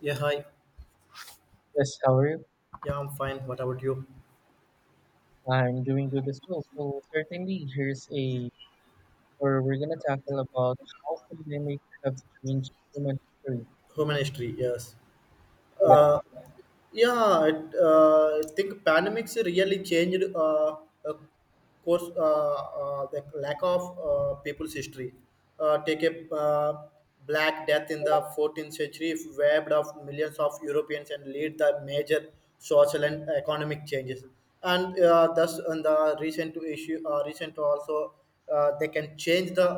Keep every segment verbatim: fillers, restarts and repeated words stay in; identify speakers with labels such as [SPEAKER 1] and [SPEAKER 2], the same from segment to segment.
[SPEAKER 1] Yeah, hi.
[SPEAKER 2] Yes, how are you?
[SPEAKER 1] Yeah, I'm fine. What about you?
[SPEAKER 2] I'm doing good as well. So certainly here's a or we're gonna tackle about how pandemic have changed human history.
[SPEAKER 1] Human history, yes.
[SPEAKER 2] Yeah,
[SPEAKER 1] Uh, Yeah, it, uh, I think pandemics really changed uh, uh, course uh, uh, the lack of uh, people's history. Uh, take a uh, Black Death in the fourteenth century webbed of millions of Europeans and lead the major social and economic changes. And uh, thus, in the recent issue, uh, recent also, uh, they can change the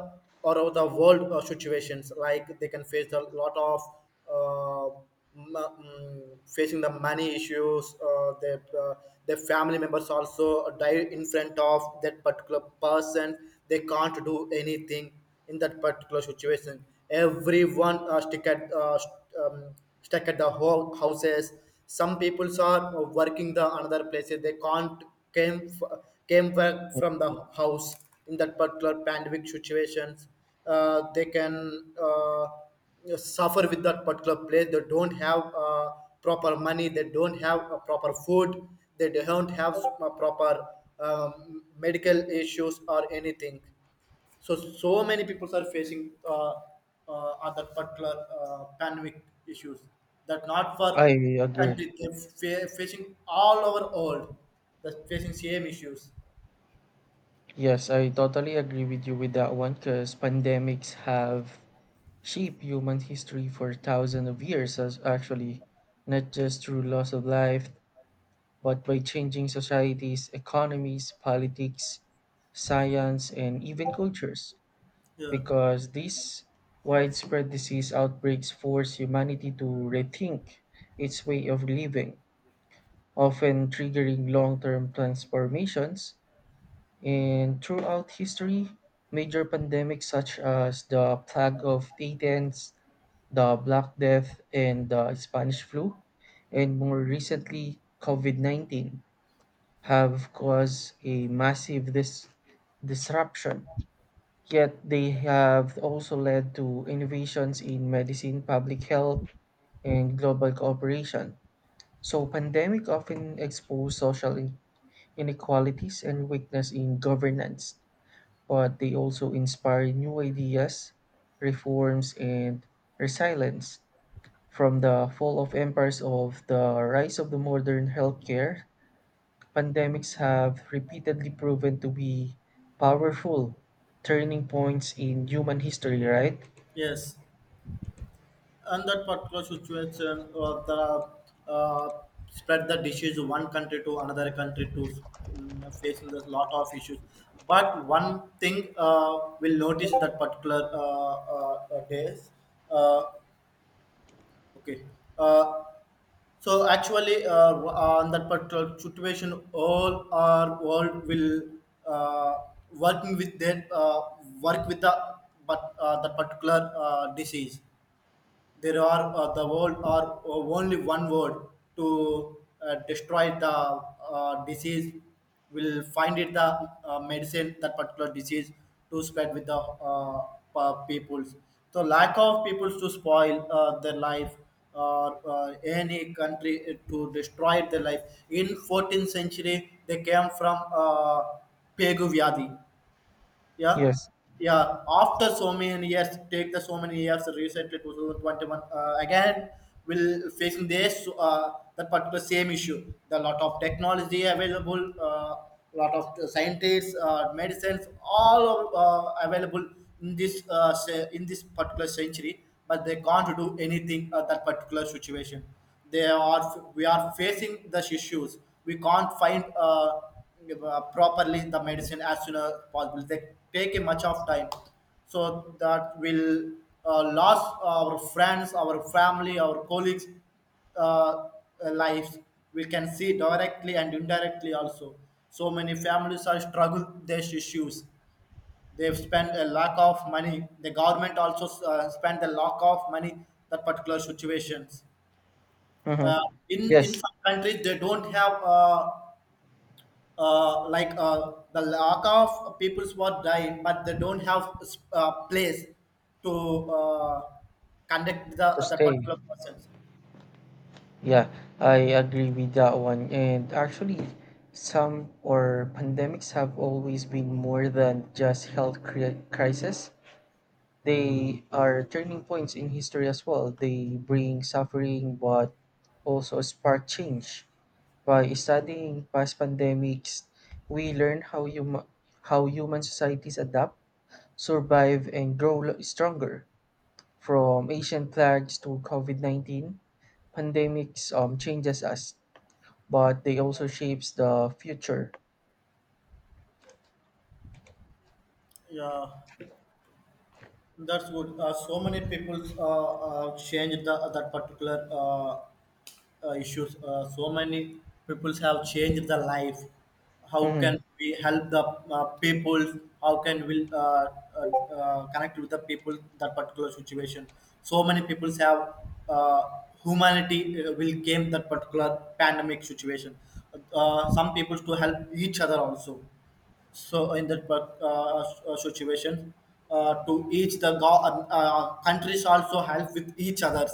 [SPEAKER 1] or of the world uh, situations. Like they can face a lot of uh, ma- mm, facing the money issues uh, that uh, their family members also die in front of that particular person, they can't do anything in that particular situation. Everyone uh, stick at uh, st- um, stuck at the whole houses. Some people are working the another places, they can't came f- came back from the house in that particular pandemic situations. Uh, they can uh, you know, suffer with that particular place. They don't have uh, proper money. They don't have uh, proper food. They don't have uh, proper um, medical issues or anything. So so many people are facing uh, uh, other particular uh, pandemic issues that not
[SPEAKER 2] I
[SPEAKER 1] for
[SPEAKER 2] agree.
[SPEAKER 1] country they're fa- facing all over world. They're facing same issues.
[SPEAKER 2] Yes, I totally agree with you with that one because pandemics have shaped human history for thousands of years as actually, not just through loss of life, but by changing societies, economies, politics, science, and even cultures.
[SPEAKER 1] Yeah.
[SPEAKER 2] Because these widespread disease outbreaks force humanity to rethink its way of living, often triggering long term transformations. And throughout history, major pandemics such as the plague of Athens, the Black Death, and the Spanish flu, and more recently, COVID nineteen, have caused a massive dis- disruption. Yet they have also led to innovations in medicine, public health, and global cooperation. So pandemic often expose social in- inequalities and weakness in governance, but they also inspire new ideas, reforms, and resilience. From the fall of empires of the rise of the modern healthcare, pandemics have repeatedly proven to be powerful turning points in human history, right?
[SPEAKER 1] Yes. And that particular situation uh, the uh, spread the disease one country to another country to um, facing a lot of issues, but one thing uh, will notice that particular uh, uh, uh, days, uh, okay, uh, so actually, uh, on that particular situation, all our world will uh, working with their uh, work with the, but uh, the particular uh, disease, there are uh, the world are only one word to uh, destroy the uh, disease, will find it the uh, medicine that particular disease to spread with the uh, pa- peoples, so lack of peoples to spoil uh, their life or uh, any country uh, to destroy their life. In fourteenth century they came from uh, Pegu Vyadi, yeah.
[SPEAKER 2] Yes.
[SPEAKER 1] Yeah, after so many years, take the so many years, recently twenty twenty-one uh, again will facing this uh, that particular same issue. The lot of technology available, uh, lot of scientists, uh, medicines, all of, uh, available in this uh, se- in this particular century, but they can't do anything at that particular situation. They are We are facing the issues. We can't find uh, uh, properly the medicine as soon as possible. They take a much of time, so that will uh, lose our friends, our family, our colleagues' uh, lives. We can see directly and indirectly also. So many families are struggle these issues. They've spent a lack of money. The government also uh, spent a lack of money that particular situations.
[SPEAKER 2] Mm-hmm.
[SPEAKER 1] Uh, in
[SPEAKER 2] Yes,
[SPEAKER 1] in some countries, they don't have uh, uh, like uh, the lack of peoples who are dying, but they don't have s- uh, place to uh, conduct
[SPEAKER 2] to
[SPEAKER 1] the the
[SPEAKER 2] stay.
[SPEAKER 1] particular persons.
[SPEAKER 2] Yeah, I agree with that one. And actually, some or pandemics have always been more than just health cri- crisis. They are turning points in history as well. They bring suffering, but also spark change. By studying past pandemics, we learn how hum- how human societies adapt, survive, and grow lo- stronger. From Asian plagues to COVID nineteen, pandemics um, changes us, but they also shapes the future.
[SPEAKER 1] Yeah, that's good. Uh, so many people uh, uh, changed the, that particular uh, uh, issues. Uh, so many people have changed the life. How
[SPEAKER 2] Hmm.
[SPEAKER 1] can we help the uh, people? How can we uh, uh, uh, connect with the people that particular situation? So many people have uh, humanity uh, will came that particular pandemic situation. Uh, some people to help each other also. So in that par- uh, uh, situation, uh, to each the go- uh, uh, countries also help with each others.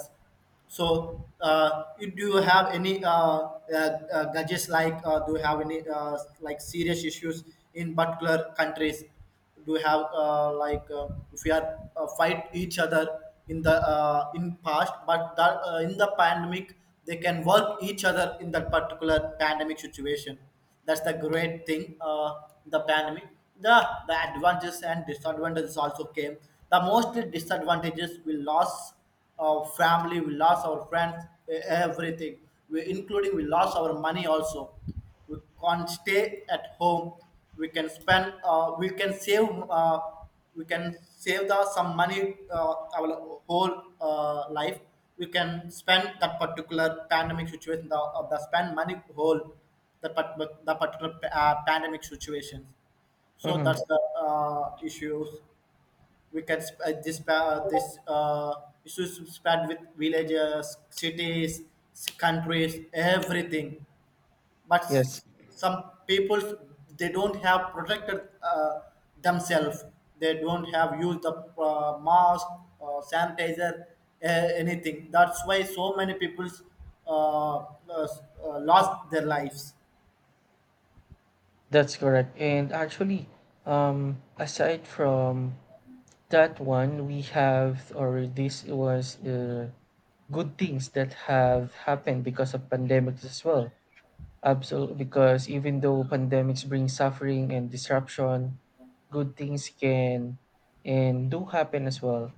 [SPEAKER 1] So, uh, you, do you have any uh, uh, uh, gadgets, like, uh, do you have any uh, like serious issues in particular countries? Do you have uh, like uh, if we are uh, fight each other in the uh, in past, but that, uh, in the pandemic, they can work each other in that particular pandemic situation. That's the great thing. Uh, the pandemic, the the advantages and disadvantages also came. The most disadvantages, we lost our family, we lost our friends, e- everything. We, including we lost our money also. We can't stay at home. We can spend. Uh, we can save. Uh, we can save the some money. Uh, our whole uh, life. We can spend that particular pandemic situation. The, uh, the spend money whole. The, part- the particular uh, pandemic situations. So that's
[SPEAKER 2] Hmm.
[SPEAKER 1] the uh, issues, we can sp- uh, this uh, this uh, issues spread with villages, cities, s- countries, everything. But
[SPEAKER 2] Yes,
[SPEAKER 1] s- some people, they don't have protected uh, themselves. They don't have used the uh, mask, uh, sanitizer, uh, anything. That's why so many people uh, uh, s- uh, lost their lives.
[SPEAKER 2] that's correct. And actually, um, aside from that one, we have, or this was uh, good things that have happened because of pandemics as well. Absolutely, because even though pandemics bring suffering and disruption, good things can and do happen as well.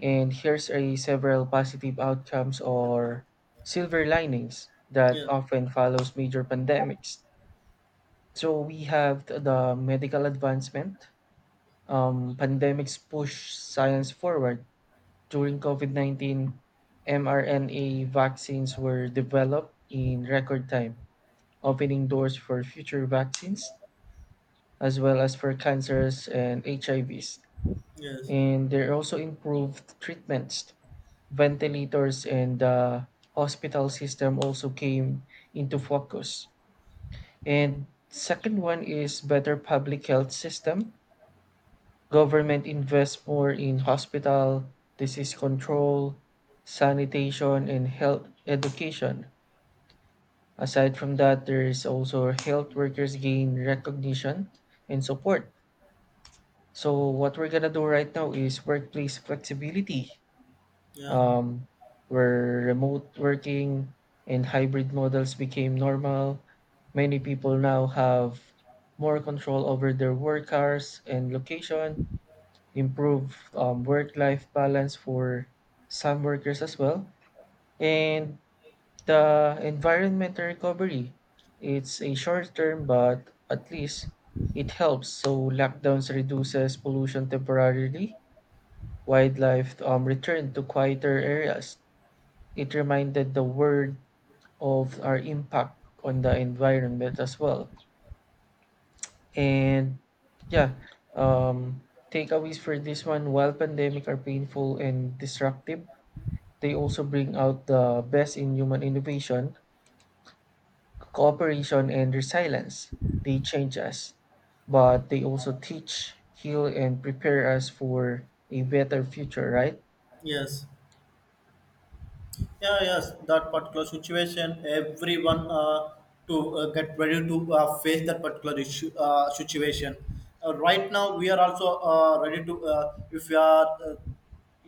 [SPEAKER 2] And here's a several positive outcomes or silver linings that often follows major pandemics. So we have th- the medical advancement. Um, pandemics push science forward. During COVID nineteen, mRNA vaccines were developed in record time, opening doors for future vaccines as well as for cancers and H I Vs.
[SPEAKER 1] Yes.
[SPEAKER 2] And there are also improved treatments, ventilators, and the hospital system also came into focus. And second one is better public health system. Government invests more in hospital, disease control, sanitation, and health education. Aside from that, there is also health workers gain recognition and support. So what we're gonna do right now is workplace flexibility.
[SPEAKER 1] Yeah.
[SPEAKER 2] um, where remote working and hybrid models became normal. Many people now have more control over their work hours and location, improved um, work life balance for some workers as well, and the environmental recovery. It's a short term, but at least it helps. So lockdowns reduces pollution temporarily. Wildlife um, return to quieter areas. It reminded the world of our impact on the environment as well. And yeah, um, takeaways for this one while pandemic are painful and destructive, they also bring out the best in human innovation, cooperation, and resilience. They change us, but they also teach, heal, and prepare us for a better future, right?
[SPEAKER 1] Yes. Yeah, yes, that particular situation, everyone uh, to uh, get ready to uh, face that particular issue, uh, situation. Uh, right now, we are also uh, ready to, uh, if we are uh,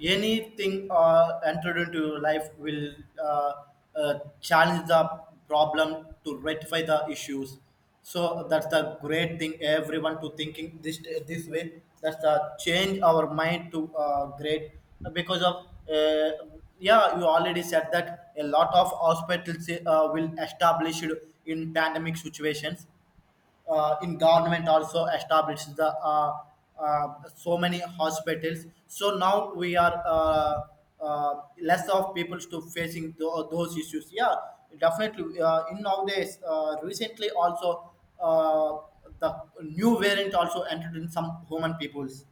[SPEAKER 1] anything uh, entered into life, will uh, uh, challenge the problem to rectify the issues. So that's the great thing, everyone to thinking this this way. That's the change our mind to uh, great because of uh, yeah, you already said that a lot of hospitals uh, will established in pandemic situations. uh, in government also established the uh, uh, so many hospitals. So now we are uh, uh, less of people to facing tho- those issues. Yeah, definitely uh, in nowadays uh, recently also uh, the new variant also entered in some human peoples.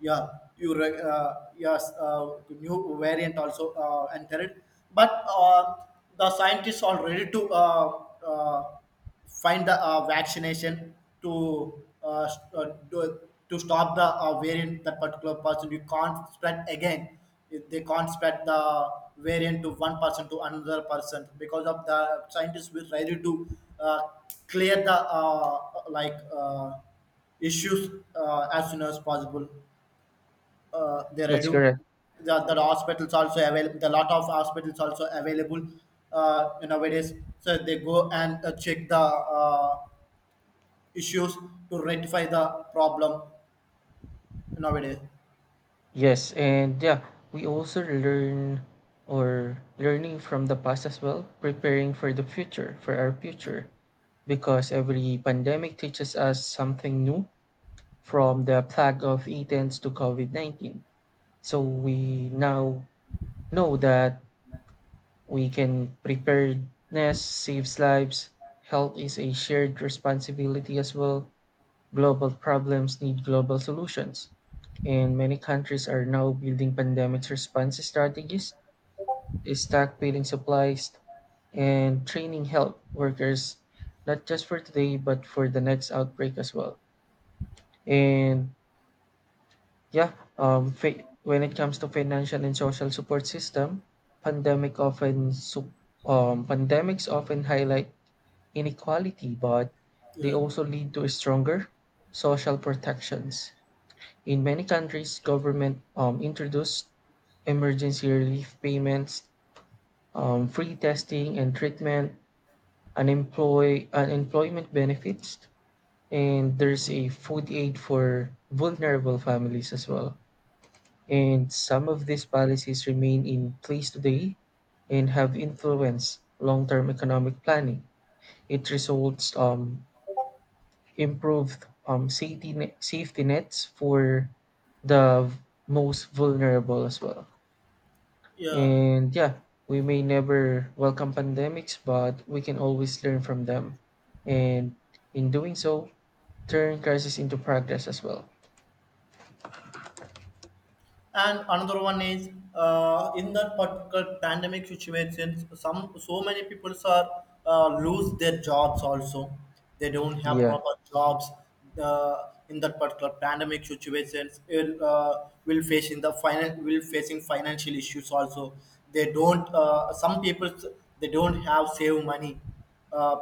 [SPEAKER 1] Yeah, you re- uh, yes, uh, new variant also uh, entered, but uh, the scientists are ready to uh, uh, find the uh, vaccination to uh, s- uh, do, to stop the uh, variant. That particular person you can't spread again. If they can't spread the variant to one person to another person, because of the scientists will ready to uh, clear the uh, like uh, issues uh, as soon as possible. uh, they
[SPEAKER 2] That's
[SPEAKER 1] redu-
[SPEAKER 2] correct.
[SPEAKER 1] the, the hospitals also available, the lot of hospitals also available uh, nowadays. So they go and uh, check the uh, issues to rectify the problem nowadays.
[SPEAKER 2] Yes, and yeah, we also learn or learning from the past as well, preparing for the future, for our future, because every pandemic teaches us something new from the plague of Athens to COVID nineteen. So we now know that we can preparedness saves lives, health is a shared responsibility as well, global problems need global solutions, and many countries are now building pandemic response strategies, stockpiling supplies, and training health workers, not just for today, but for the next outbreak as well. And yeah, um, fi- when it comes to financial and social support system, pandemic often su- um, pandemics often highlight inequality, but they
[SPEAKER 1] Yeah.
[SPEAKER 2] also lead to stronger social protections. In many countries, government um, introduced emergency relief payments, um, free testing and treatment, unemploy unemployment benefits, and there's a food aid for vulnerable families as well. And some of these policies remain in place today and have influenced long-term economic planning. It results um, improved um, safety ne- safety nets for the most vulnerable as well.
[SPEAKER 1] Yeah.
[SPEAKER 2] And yeah, we may never welcome pandemics, but we can always learn from them. And in doing so, turn crisis into progress as well.
[SPEAKER 1] And another one is, uh, in that particular pandemic situation, some, so many people are uh, lose their jobs also. They don't have
[SPEAKER 2] Yeah,
[SPEAKER 1] proper jobs. uh, in that particular pandemic situations, it, uh, will face in the finan- will facing financial issues also. They don't uh, some people, they don't have save money, uh,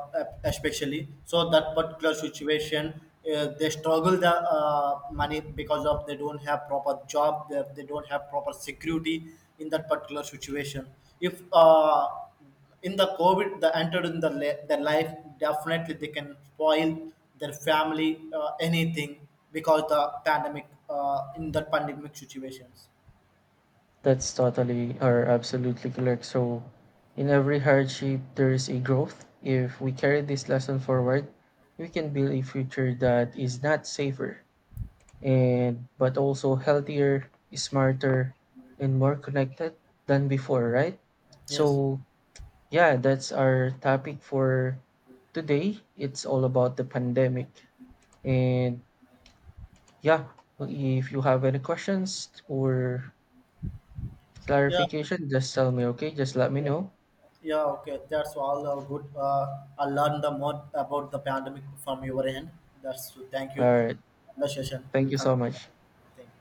[SPEAKER 1] especially so that particular situation. uh, they struggle the uh, money because of they don't have proper job, they, they don't have proper security in that particular situation. If uh, in the covid they entered in the, la- their life, definitely they can spoil their family uh, anything because the pandemic uh, in that pandemic situations.
[SPEAKER 2] that's totally or absolutely correct. So, in every hardship, there is a growth. If we carry this lesson forward, we can build a future that is not safer and but also healthier, smarter, and more connected than before, right?
[SPEAKER 1] Yes.
[SPEAKER 2] So, yeah, that's our topic for today. It's all about the pandemic. And yeah, if you have any questions or
[SPEAKER 1] Yeah.
[SPEAKER 2] clarification, just tell me, okay? Just let me know.
[SPEAKER 1] Yeah, okay. That's all uh, good. Uh, I learned the more about the pandemic from your end. That's thank
[SPEAKER 2] All
[SPEAKER 1] you.
[SPEAKER 2] right.
[SPEAKER 1] The session
[SPEAKER 2] Thank
[SPEAKER 1] will
[SPEAKER 2] you so
[SPEAKER 1] connect.
[SPEAKER 2] much.
[SPEAKER 1] Thank you.